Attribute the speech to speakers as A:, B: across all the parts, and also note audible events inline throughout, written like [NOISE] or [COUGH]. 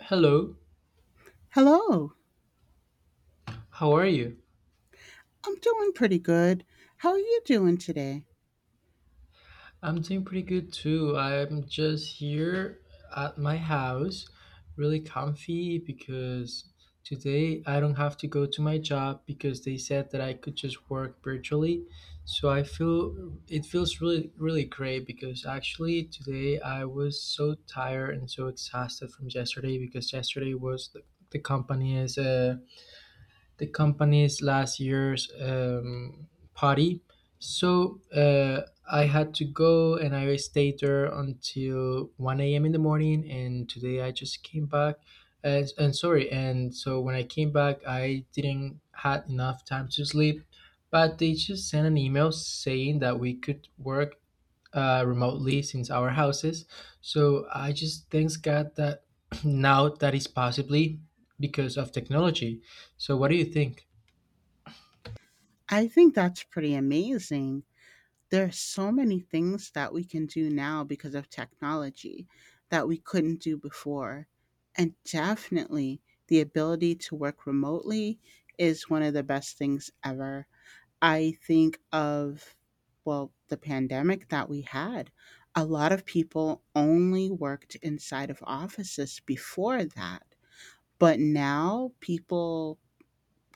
A: Hello,
B: Hello.
A: how are you?
B: I'm doing pretty good. How are you doing today?
A: I'm doing pretty good too. I'm just here at my house, really comfy because today I don't have to go to my job because they said that I could just work virtually. So I feel it feels really, really great because actually today I was so tired and so exhausted from yesterday because yesterday was the company's last year's party. So I had to go and I stayed there until 1 a.m. in the morning. And today I just came back. And sorry. And so when I came back, I didn't had enough time to sleep. But they just sent an email saying that we could work remotely since our houses. So I just thanks God that [CLEARS THROAT] now that is possibly because of technology. So what do you think?
B: I think that's pretty amazing. There are so many things that we can do now because of technology that we couldn't do before. And definitely, the ability to work remotely is one of the best things ever. I think of, well, the pandemic that we had. A lot of people only worked inside of offices before that. But now people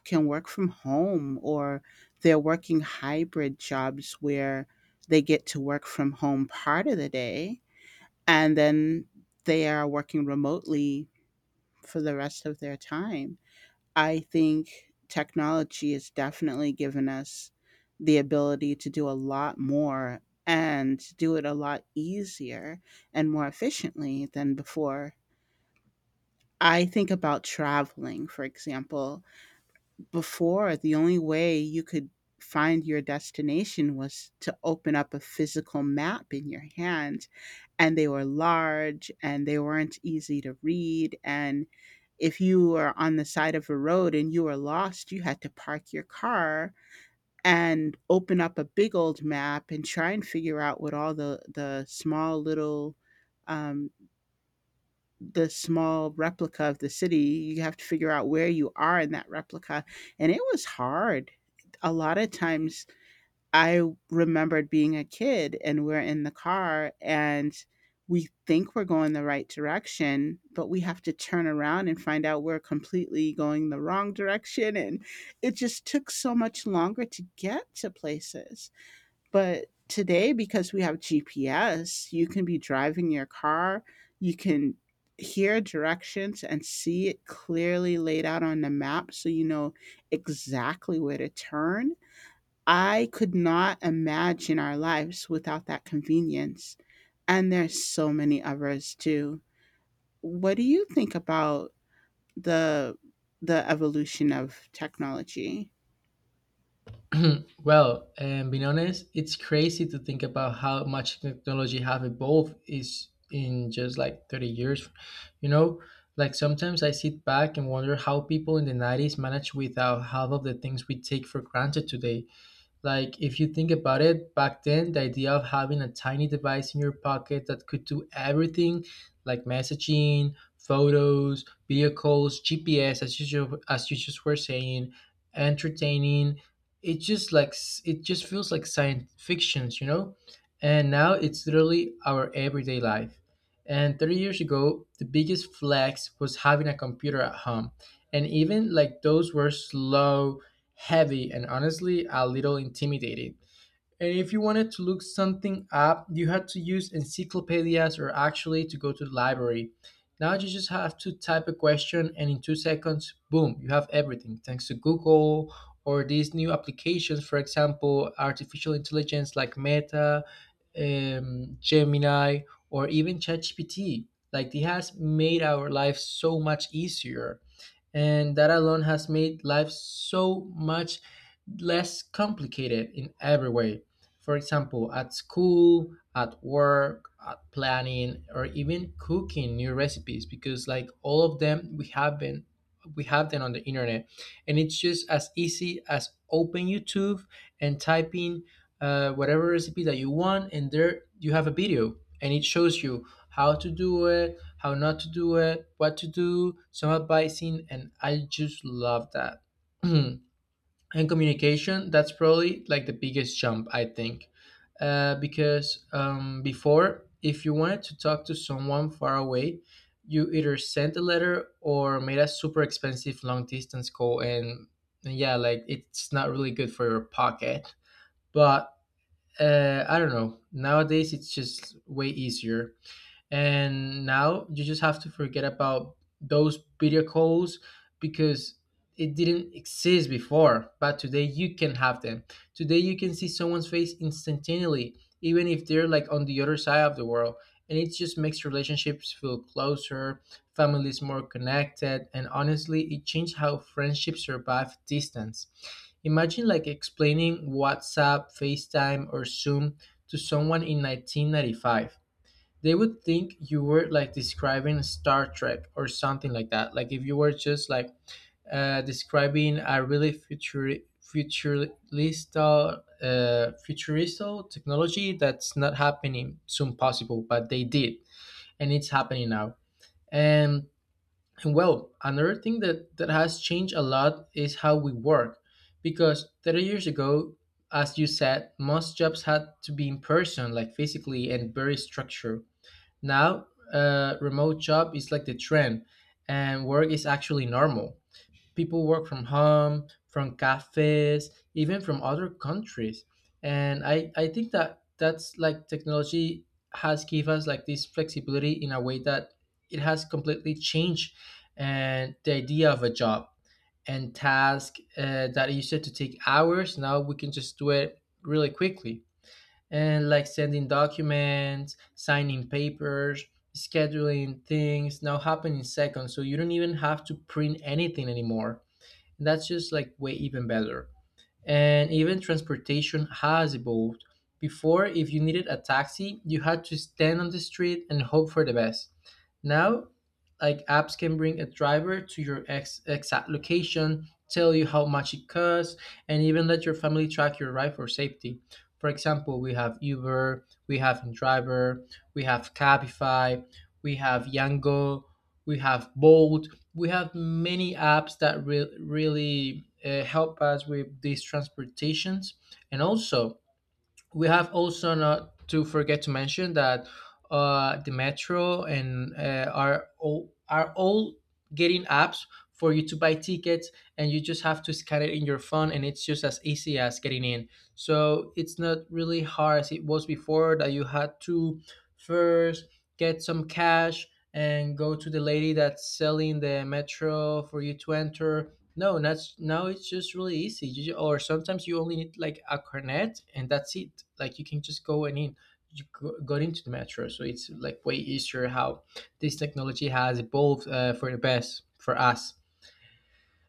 B: can work from home, or they're working hybrid jobs where they get to work from home part of the day, and then they are working remotely for the rest of their time. I think technology has definitely given us the ability to do a lot more, and do it a lot easier and more efficiently than before. I think about traveling, for example. Before, the only way you could find your destination was to open up a physical map in your hand, and they were large, and they weren't easy to read, and if you were on the side of a road and you were lost, you had to park your car and open up a big old map and try and figure out what all the small little, um the small replica of the city. You have to figure out where you are in that replica. And it was hard. A lot of times I remembered being a kid and we're in the car and we think we're going the right direction, but we have to turn around and find out we're completely going the wrong direction. And it just took so much longer to get to places, but today, because we have GPS, you can be driving your car, you can hear directions and see it clearly laid out on the map, so you know exactly where to turn. I could not imagine our lives without that convenience. And there's so many others too. What do you think about the the evolution of technology?
A: Well, and being honest, it's crazy to think about how much technology have evolved is in just like 30 years. You know, like sometimes I sit back and wonder how people in the 90s managed without half of the things we take for granted today. Like, if you think about it, back then, the idea of having a tiny device in your pocket that could do everything like messaging, photos, video calls, GPS, as you just were saying, entertaining, it just feels like science fictions, you know? And now it's literally our everyday life. And 30 years ago, the biggest flex was having a computer at home. And even like those were slow, heavy, and honestly a little intimidating. And if you wanted to look something up, you had to use encyclopedias or actually to go to the library. Now you just have to type a question and in 2 seconds, boom, you have everything thanks to Google or these new applications, for example, artificial intelligence like Meta, Gemini, or even ChatGPT. Like it has made our life so much easier and that alone has made life so much less complicated in every way. For example, at school, at work, at planning, or even cooking new recipes, because like all of them, we have them on the internet, and it's just as easy as open YouTube and type in whatever recipe that you want, and there you have a video, and it shows you how to do it, how not to do it, what to do, some advising, and I just love that. [CLEARS THROAT] And communication, that's probably like the biggest jump, I think. Because before, if you wanted to talk to someone far away, you either sent a letter or made a super expensive long distance call, and yeah, like it's not really good for your pocket. But I don't know. Nowadays, it's just way easier and now you just have to forget about those video calls because it didn't exist before, but today you can have them. Today you can see someone's face instantaneously even if they're like on the other side of the world, and it just makes relationships feel closer, families more connected, and honestly it changed how friendships survive distance. Imagine like explaining WhatsApp, FaceTime, or Zoom to someone in 1995. They would think you were like describing Star Trek or something like that. Like if you were just like describing a really future futurist futuristic technology that's not happening soon possible, but they did, and it's happening now. And, and well, another thing that has changed a lot is how we work, because 30 years ago. As you said, most jobs had to be in person, like physically and very structured. Now, remote job is like the trend, and work is actually normal. People work from home, from cafes, even from other countries. And I think that that's like technology has given us like this flexibility in a way that it has completely changed and the idea of a job and task that used to take hours. Now we can just do it really quickly, and like sending documents, signing papers, scheduling things now happen in seconds. So you don't even have to print anything anymore. That's just like way even better, and even transportation has evolved. Before, if you needed a taxi, you had to stand on the street and hope for the best. Now, like apps can bring a driver to your exact location, tell you how much it costs, and even let your family track your ride for safety. For example, we have Uber, we have Driver, we have Cabify, we have Yango, we have Bolt, we have many apps that really help us with these transportations. And also we have also not to forget to mention that the metro and are all getting apps for you to buy tickets, and you just have to scan it in your phone, and it's just as easy as getting in. So it's not really hard as it was before, that you had to first get some cash and go to the lady that's selling the metro for you to enter. No, that's now it's just really easy. Or sometimes you only need like a cornet and that's it. Like you can just go and in. Got into the metro, so it's like way easier how this technology has evolved for the best for us.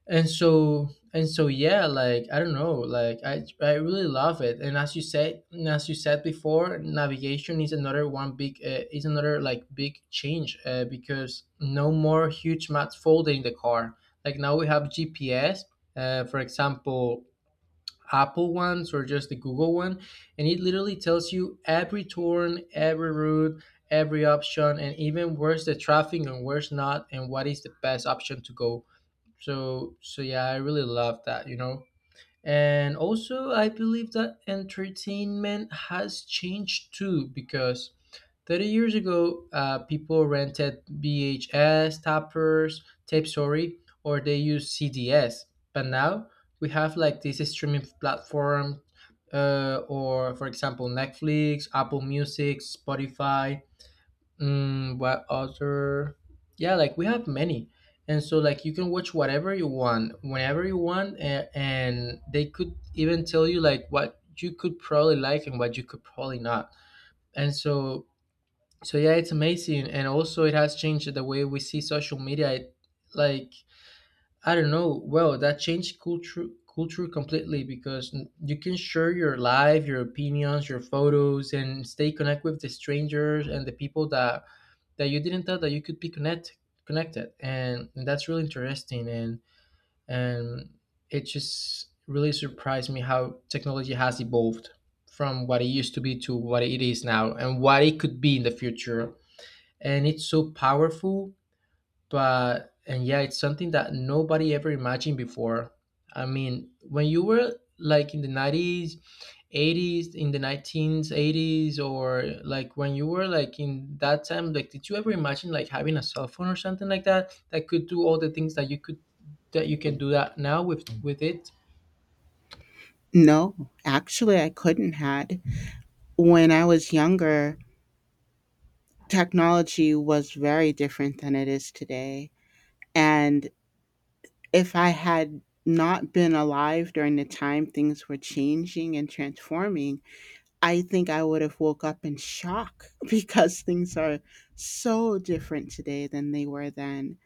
A: And so, yeah, like I don't know, like I really love it. And as you said, before, navigation is another one big, is another like big change, because no more huge maps folding the car. Like now we have GPS, for example, Apple ones or just the Google one. And it literally tells you every turn, every route, every option, and even where's the traffic and where's not, and what is the best option to go. Yeah, I really love that, you know. And also I believe that entertainment has changed too because 30 years ago, people rented tape, sorry, or they used CDs. But now we have like this streaming platform, or for example Netflix, Apple Music, Spotify. Mm, what other? Yeah, like we have many, and so like you can watch whatever you want, whenever you want, and they could even tell you like what you could probably like and what you could probably not. And yeah, it's amazing, and also it has changed the way we see social media. It, like, I don't know, well, that changed culture completely because you can share your life, your opinions, your photos, and stay connect with the strangers and the people that you didn't thought that you could be connected, and that's really interesting. And it just really surprised me how technology has evolved from what it used to be to what it is now and what it could be in the future. And it's so powerful, but and yeah, it's something that nobody ever imagined before. I mean, when you were like in the 90s, 80s, in the 1980s, or like when you were like in that time, like did you ever imagine like having a cell phone or something like that that could do all the things that you could, that you can do that now with it?
B: No, actually I couldn't had. When I was younger, technology was very different than it is today. And if I had not been alive during the time things were changing and transforming, I think I would have woke up in shock [LAUGHS] because things are so different today than they were then.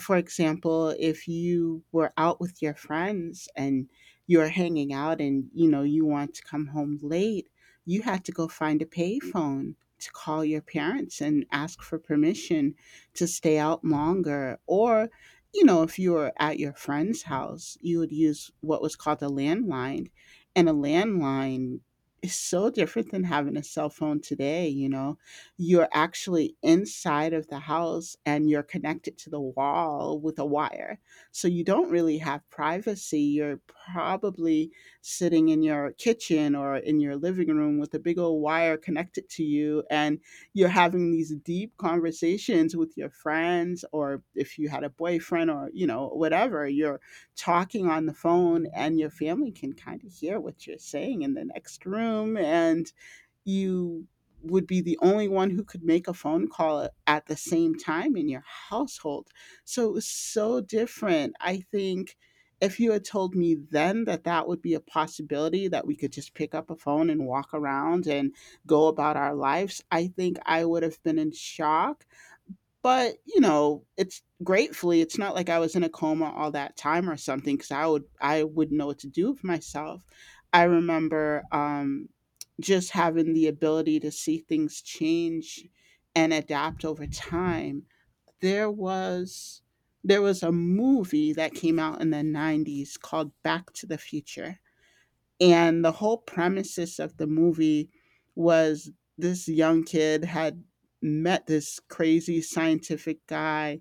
B: For example, if you were out with your friends and you're hanging out and you know you want to come home late, you had to go find a payphone to call your parents and ask for permission to stay out longer. Or you know, if you were at your friend's house, you would use what was called a landline, and a landline is so different than having a cell phone today. You know, you're actually inside of the house and you're connected to the wall with a wire. So you don't really have privacy. You're probably sitting in your kitchen or in your living room with a big old wire connected to you. And you're having these deep conversations with your friends, or if you had a boyfriend or, you know, whatever, you're talking on the phone and your family can kind of hear what you're saying in the next room. And you would be the only one who could make a phone call at the same time in your household. So it was so different. I think if you had told me then that that would be a possibility, that we could just pick up a phone and walk around and go about our lives, I think I would have been in shock. But, you know, it's gratefully, it's not like I was in a coma all that time or something, because I would I wouldn't know what to do with myself. I remember, just having the ability to see things change and adapt over time. There was there was a movie that came out in the 90s called Back to the Future. And the whole premises of the movie was this young kid had met this crazy scientific guy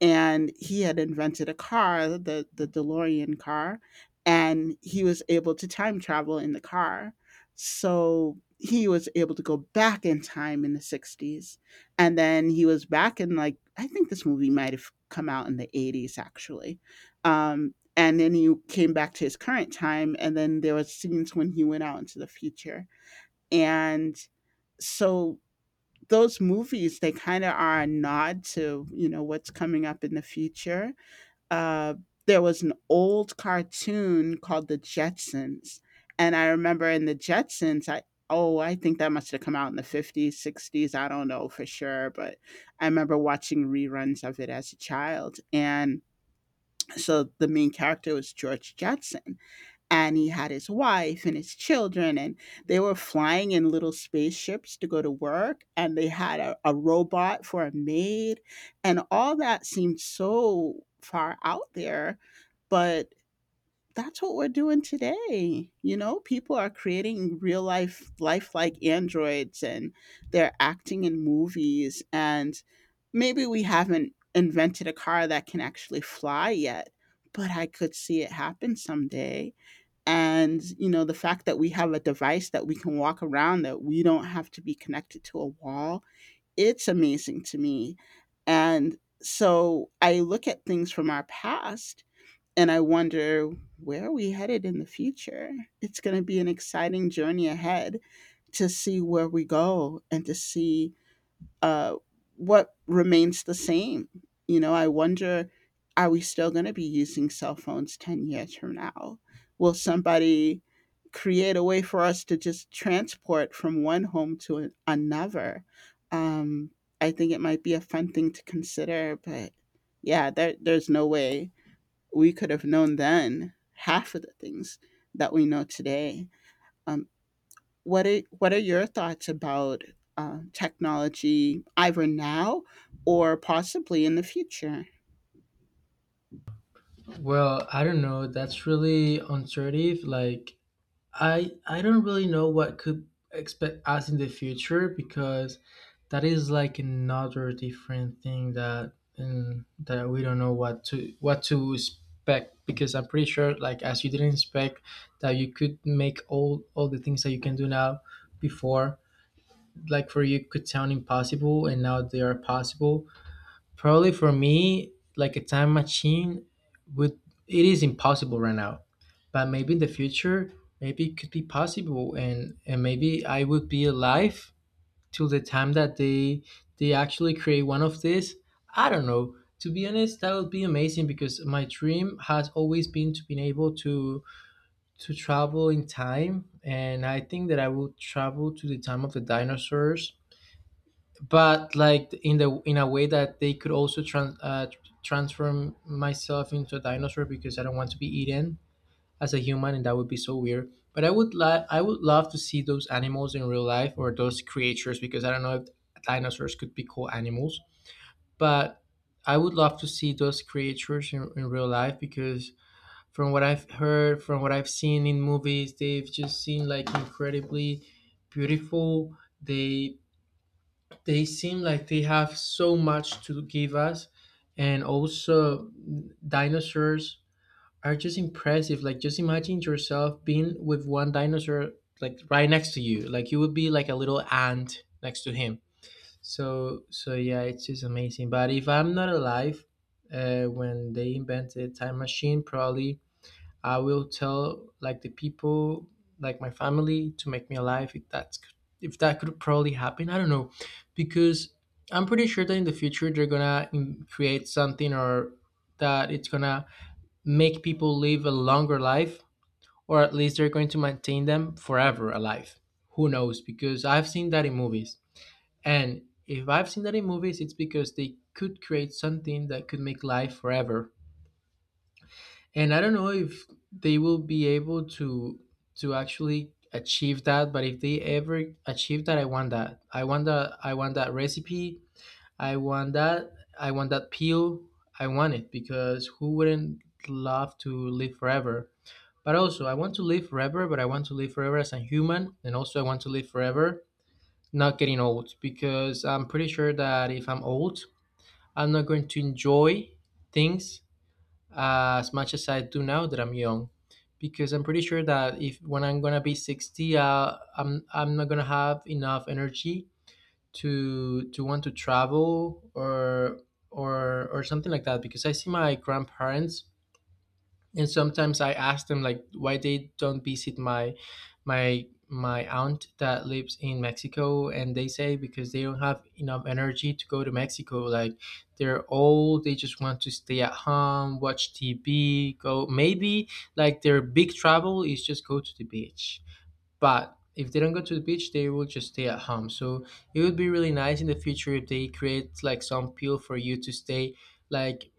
B: and he had invented a car, the DeLorean car, and he was able to time travel in the car. So he was able to go back in time in the 60s. And then he was back in, like, I think this movie might have come out in the 80s actually. And then he came back to his current time, and then there was scenes when he went out into the future. And so those movies, they kind of are a nod to, you know, what's coming up in the future. uh, there was an old cartoon called the Jetsons, and I remember in the Jetsons, I oh, I think that must have come out in the 50s, 60s, I don't know for sure, but I remember watching reruns of it as a child. And so the main character was George Jetson, and he had his wife and his children, and they were flying in little spaceships to go to work, and they had a robot for a maid. And all that seemed so far out there. But that's what we're doing today. You know, people are creating real life lifelike androids and they're acting in movies, and maybe we haven't invented a car that can actually fly yet, but I could see it happen someday. And you know, the fact that we have a device that we can walk around, that we don't have to be connected to a wall, it's amazing to me. And so I look at things from our past and I wonder, where are we headed in the future? It's going to be an exciting journey ahead to see where we go, and to see uh, what remains the same. You know, I wonder, are we still going to be using cell phones 10 years from now? Will somebody create a way for us to just transport from one home to another? Um, I think it might be a fun thing to consider, but yeah, there's no way we could have known then half of the things that we know today. Um, what are what are your thoughts about technology, either now or possibly in the future?
A: Well, I don't know, that's really uncertain, like I don't really know what could expect us in the future because that is like another different thing that that we don't know what to expect because I'm pretty sure like as you didn't expect that you could make all the things that you can do now before. Like for you could sound impossible and now they are possible. Probably for me, like a time machine would, it is impossible right now. But maybe in the future, maybe it could be possible, and maybe I would be alive till the time that they actually create one of these. I don't know. To be honest, that would be amazing because my dream has always been to be able to travel in time, and I think that I will travel to the time of the dinosaurs, but like in the, in a way that they could also transform myself into a dinosaur because I don't want to be eaten as a human, and that would be so weird. But I would like, I would love to see those animals in real life, or those creatures, because I don't know if dinosaurs could be called animals, but I would love to see those creatures in real life because from what I've heard, from what I've seen in movies, they've just seemed like incredibly beautiful. They seem like they have so much to give us, and also dinosaurs are just impressive. Like, just imagine yourself being with one dinosaur, like right next to you. Like, you would be like a little ant next to him. So yeah, it's just amazing. But if I'm not alive when they invented time machine, probably I will tell, like, the people, like my family, to make me alive if that's, if that could probably happen. I don't know, because I'm pretty sure that in the future they're gonna create something, or that it's gonna make people live a longer life, or at least they're going to maintain them forever alive. Who knows? Because I've seen that in movies, and if I've seen that in movies, it's because they could create something that could make life forever. And I don't know if they will be able to actually achieve that. But if they ever achieve that, I want that. I want that. I want that recipe. I want that. I want that peel. I want it, because who wouldn't love to live forever? But also, I want to live forever. But I want to live forever as a human, and also I want to live forever not getting old, because I'm pretty sure that if I'm old, I'm not going to enjoy things as much as I do now that I'm young. Because I'm pretty sure that if when I'm gonna be 60, I'm not gonna have enough energy to want to travel or or something like that. Because I see my grandparents, and sometimes I ask them like why they don't visit my my aunt that lives in Mexico, and they say because they don't have enough energy to go to Mexico. Like, they're old, they just want to stay at home, watch TV, go maybe, like, their big travel is just go to the beach. But if they don't go to the beach, they will just stay at home. So it would be really nice in the future if they create like some pill for you to stay, like,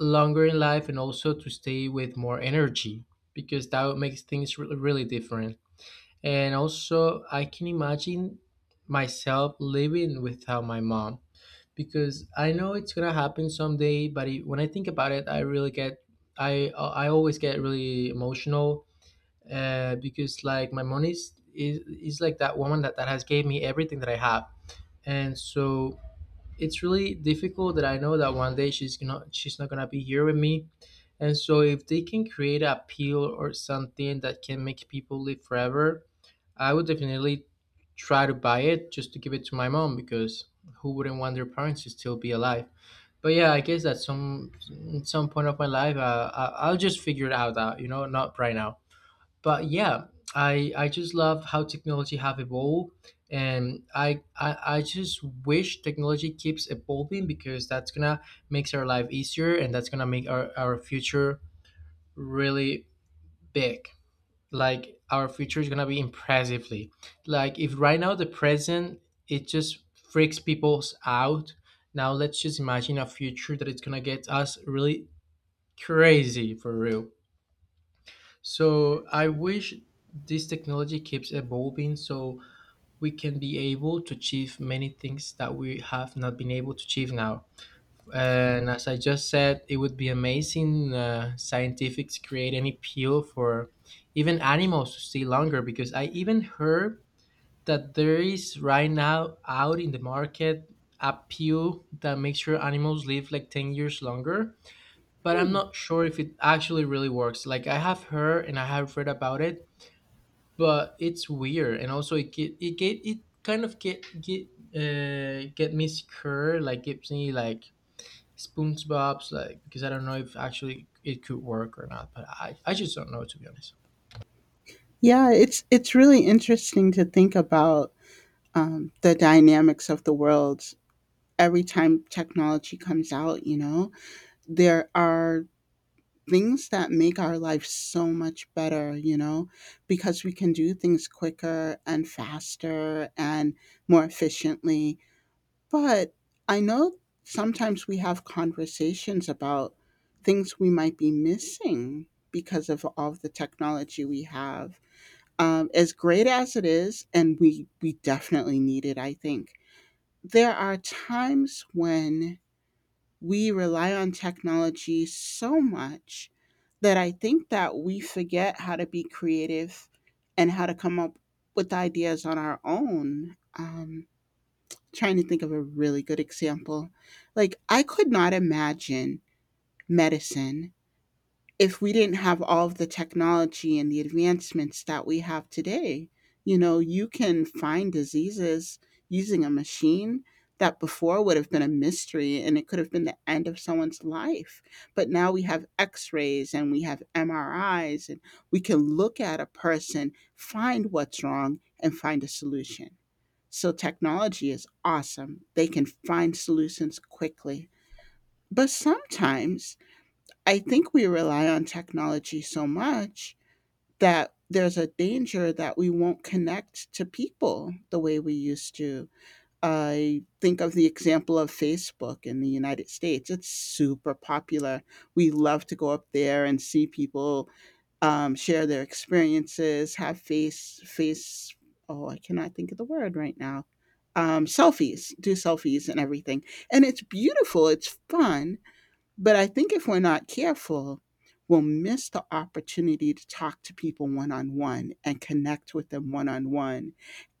A: longer in life and also to stay with more energy, because that makes things really, really different. And also, I can imagine myself living without my mom, because I know it's gonna happen someday. But it, when I think about it, I really get, I always get really emotional, because, like, my mom is, is like that woman that has gave me everything that I have, and so it's really difficult that I know that one day she's not gonna be here with me. And so if they can create a pill or something that can make people live forever, I would definitely try to buy it just to give it to my mom, because who wouldn't want their parents to still be alive? But yeah, I guess at some, at some point of my life, I'll just figure it out. Not right now, but yeah, I just love how technology have evolved, and I just wish technology keeps evolving, because that's gonna makes our life easier, and that's gonna make our future really big. Like, our future is gonna be impressively, like, if right now the present, it just freaks people out, now let's just imagine a future that it's gonna get us really crazy for real. So I wish this technology keeps evolving so we can be able to achieve many things that we have not been able to achieve now. And as I just said, it would be amazing scientifics create any pill for even animals to stay longer, because I even heard that there is right now out in the market a pill that makes sure animals live like 10 years longer. But I'm not sure if it actually really works. Like, I have heard and I have read about it, but it's weird. And also it get it get it kind of get me scared. Like, gives me like SpongeBob's, like, because I don't know if actually it could work or not. But I just don't know, to be honest.
B: Yeah, it's really interesting to think about the dynamics of the world every time technology comes out. You know, there are things that make our life so much better. You know, because we can do things quicker and faster and more efficiently. But I know sometimes we have conversations about things we might be missing because of all the technology we have. As great as it is, and we definitely need it, I think, there are times when we rely on technology so much that I think that we forget how to be creative and how to come up with ideas on our own. Trying to think of a really good example. Like, I could not imagine medicine if we didn't have all of the technology and the advancements that we have today. You know, you can find diseases using a machine that before would have been a mystery, and it could have been the end of someone's life. But now we have x rays and we have MRIs, and we can look at a person, find what's wrong, and find a solution. So technology is awesome. They can find solutions quickly. But sometimes I think we rely on technology so much that there's a danger that we won't connect to people the way we used to. I think of the example of Facebook in the United States. It's super popular. We love to go up there and see people share their experiences, have face. Oh, I cannot think of the word right now. Selfies, do selfies and everything, and it's beautiful. It's fun, but I think if we're not careful, we'll miss the opportunity to talk to people one on one and connect with them one on one,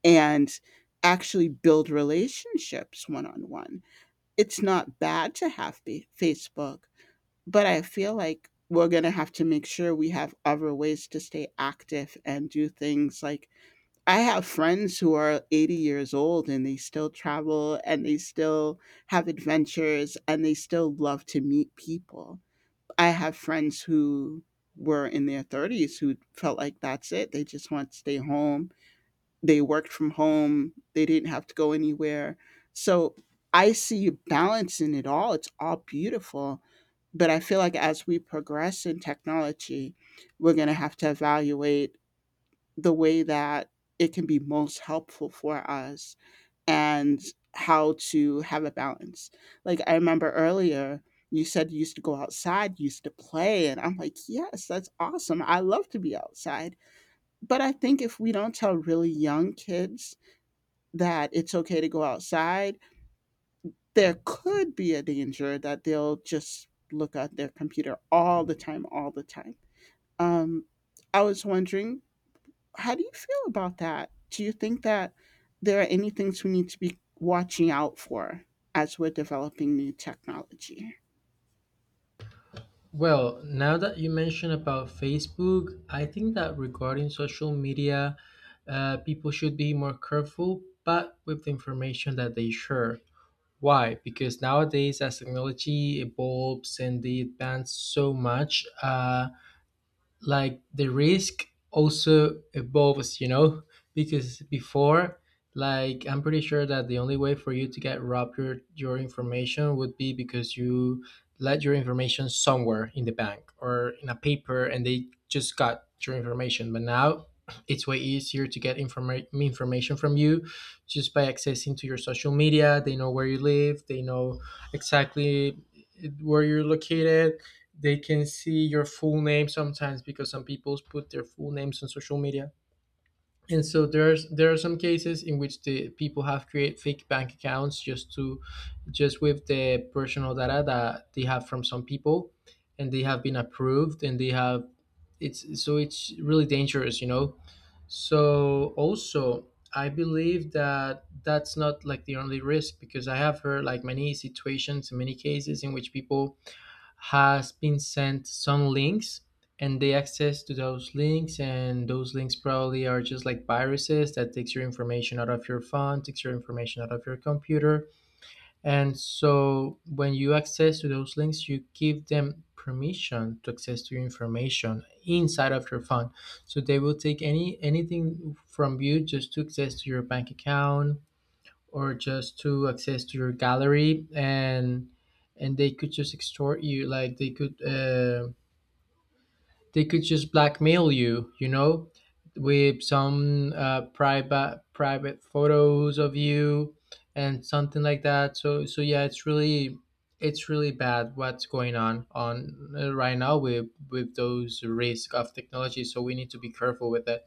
B: and actually build relationships one on one. It's not bad to have Facebook, but I feel like we're going to have to make sure we have other ways to stay active and do things. Like, I have friends who are 80 years old and they still travel and they still have adventures and they still love to meet people. I have friends who were in their 30s who felt like that's it. They just want to stay home. They worked from home, they didn't have to go anywhere. So I see you balancing it all, it's all beautiful. But I feel like as we progress in technology, we're going to have to evaluate the way that it can be most helpful for us and how to have a balance. Like, I remember earlier you said you used to go outside, you used to play, and I'm like, yes, that's awesome, I love to be outside. But I think if we don't tell really young kids that it's okay to go outside, there could be a danger that they'll just look at their computer all the time, all the time. Um, I was wondering, how do you feel about that? Do you think that there are any things we need to be watching out for as we're developing new technology?
A: Well, now that you mention about Facebook, I think that regarding social media, people should be more careful, but with the information that they share. Why? Because nowadays, as technology evolves and they advance so much, like the risk also evolves, you know. Because before, like, I'm pretty sure that the only way for you to get robbed your information would be because you let your information somewhere in the bank or in a paper, and they just got your information. But now [CLEARS THROAT] it's way easier to get information from you just by accessing to your social media. They know where you live, they know exactly where you're located, they can see your full name sometimes, because some people put their full names on social media. And so there are some cases in which the people have create fake bank accounts just to, just with the personal data that they have from some people, and they have been approved, and they have, it's so, it's really dangerous, you know. So also, I believe that that's not like the only risk, because I have heard like many situations, many cases in which people has been sent some links, and they access to those links, and those links probably are just like viruses that takes your information out of your phone, takes your information out of your computer. And so when you access to those links, you give them permission to access to your information inside of your phone, so they will take anything from you just to access to your bank account, or just to access to your gallery. And they could just extort you, like they could, they could just blackmail you, you know, with some private photos of you, and something like that. So yeah, it's really, it's really bad what's going on, right now with those risk of technology, so we need to be careful with it,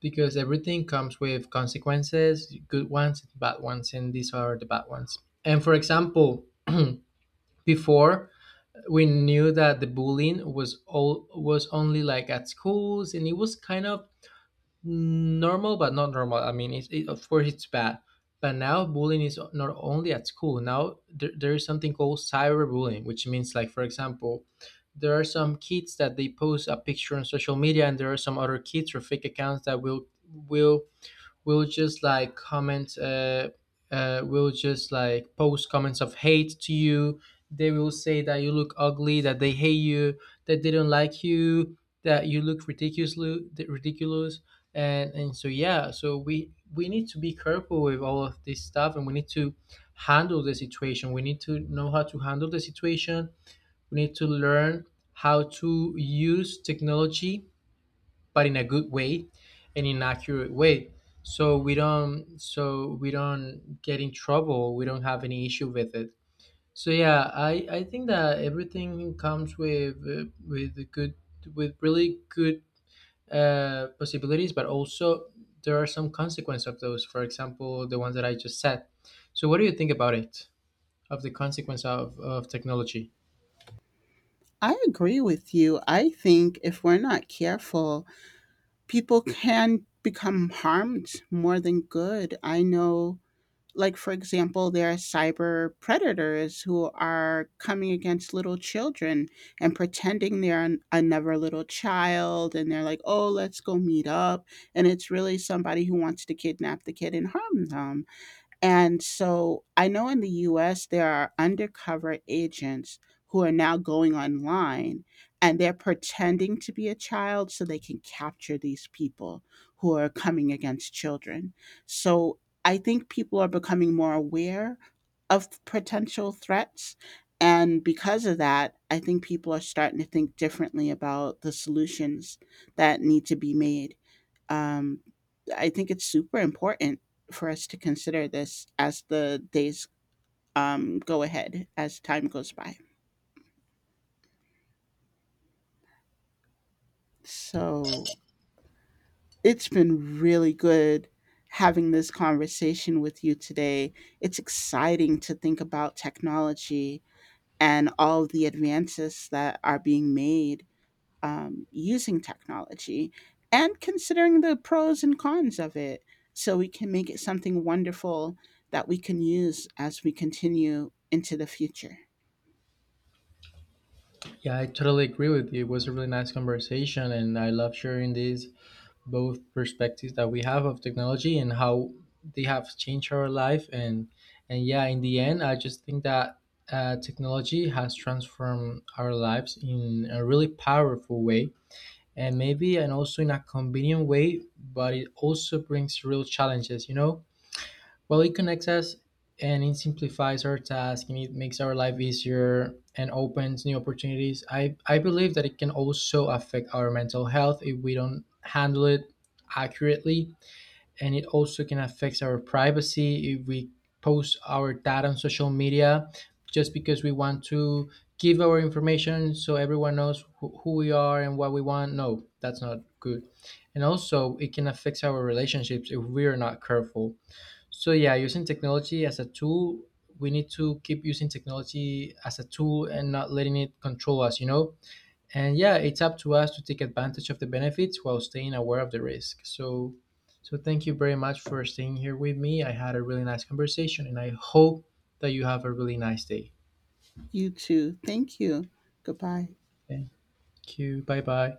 A: because everything comes with consequences, good ones, bad ones, and these are the bad ones. And for example, before, we knew that the bullying was all was only like at schools, and it was kind of normal, but not normal. I mean, it's, it, of course it's bad, but now bullying is not only at school. Now there is something called cyberbullying, which means, like, for example, there are some kids that they post a picture on social media, and there are some other kids or fake accounts that will just like comment, will just like post comments of hate to you. They will say that you look ugly, that they hate you, that they don't like you, that you look ridiculously, ridiculous. And so yeah, so we need to be careful with all of this stuff, and we need to handle the situation, we need to know how to handle the situation, we need to learn how to use technology, but in a good way and in an accurate way. So we don't get in trouble. We don't have any issue with it. So yeah, I think that everything comes with a good, with really good, possibilities, but also there are some consequence of those. For example, the ones that I just said. So what do you think about it? Of the consequence of technology?
B: I agree with you. I think if we're not careful, people can become harmed more than good. I know, like for example, there are cyber predators who are coming against little children and pretending they're another little child, and they're like, oh, let's go meet up, and it's really somebody who wants to kidnap the kid and harm them. And so I know in the US, there are undercover agents who are now going online and they're pretending to be a child so they can capture these people who are coming against children. So I think people are becoming more aware of potential threats. And because of that, I think people are starting to think differently about the solutions that need to be made. Um, I think it's super important for us to consider this as the days, go ahead, as time goes by. So it's been really good having this conversation with you today. It's exciting to think about technology and all of the advances that are being made using technology, and considering the pros and cons of it, so we can make it something wonderful that we can use as we continue into the future.
A: Yeah, I totally agree with you. It was a really nice conversation, and I love sharing these both perspectives that we have of technology, and how they have changed our life. And yeah, in the end, I just think that, technology has transformed our lives in a really powerful way, and maybe and also in a convenient way, but it also brings real challenges, you know. Well, it connects us, and it simplifies our task, and it makes our life easier, and opens new opportunities. I believe that it can also affect our mental health if we don't handle it accurately. And it also can affect our privacy if we post our data on social media just because we want to give our information so everyone knows who we are and what we want. No, that's not good. And also, it can affect our relationships if we are not careful. So yeah, using technology as a tool, we need to keep using technology as a tool and not letting it control us, you know? And yeah, it's up to us to take advantage of the benefits while staying aware of the risk. So thank you very much for staying here with me. I had a really nice conversation, and I hope that you have a really nice day.
B: You too. Thank you. Goodbye.
A: Thank you. Bye-bye.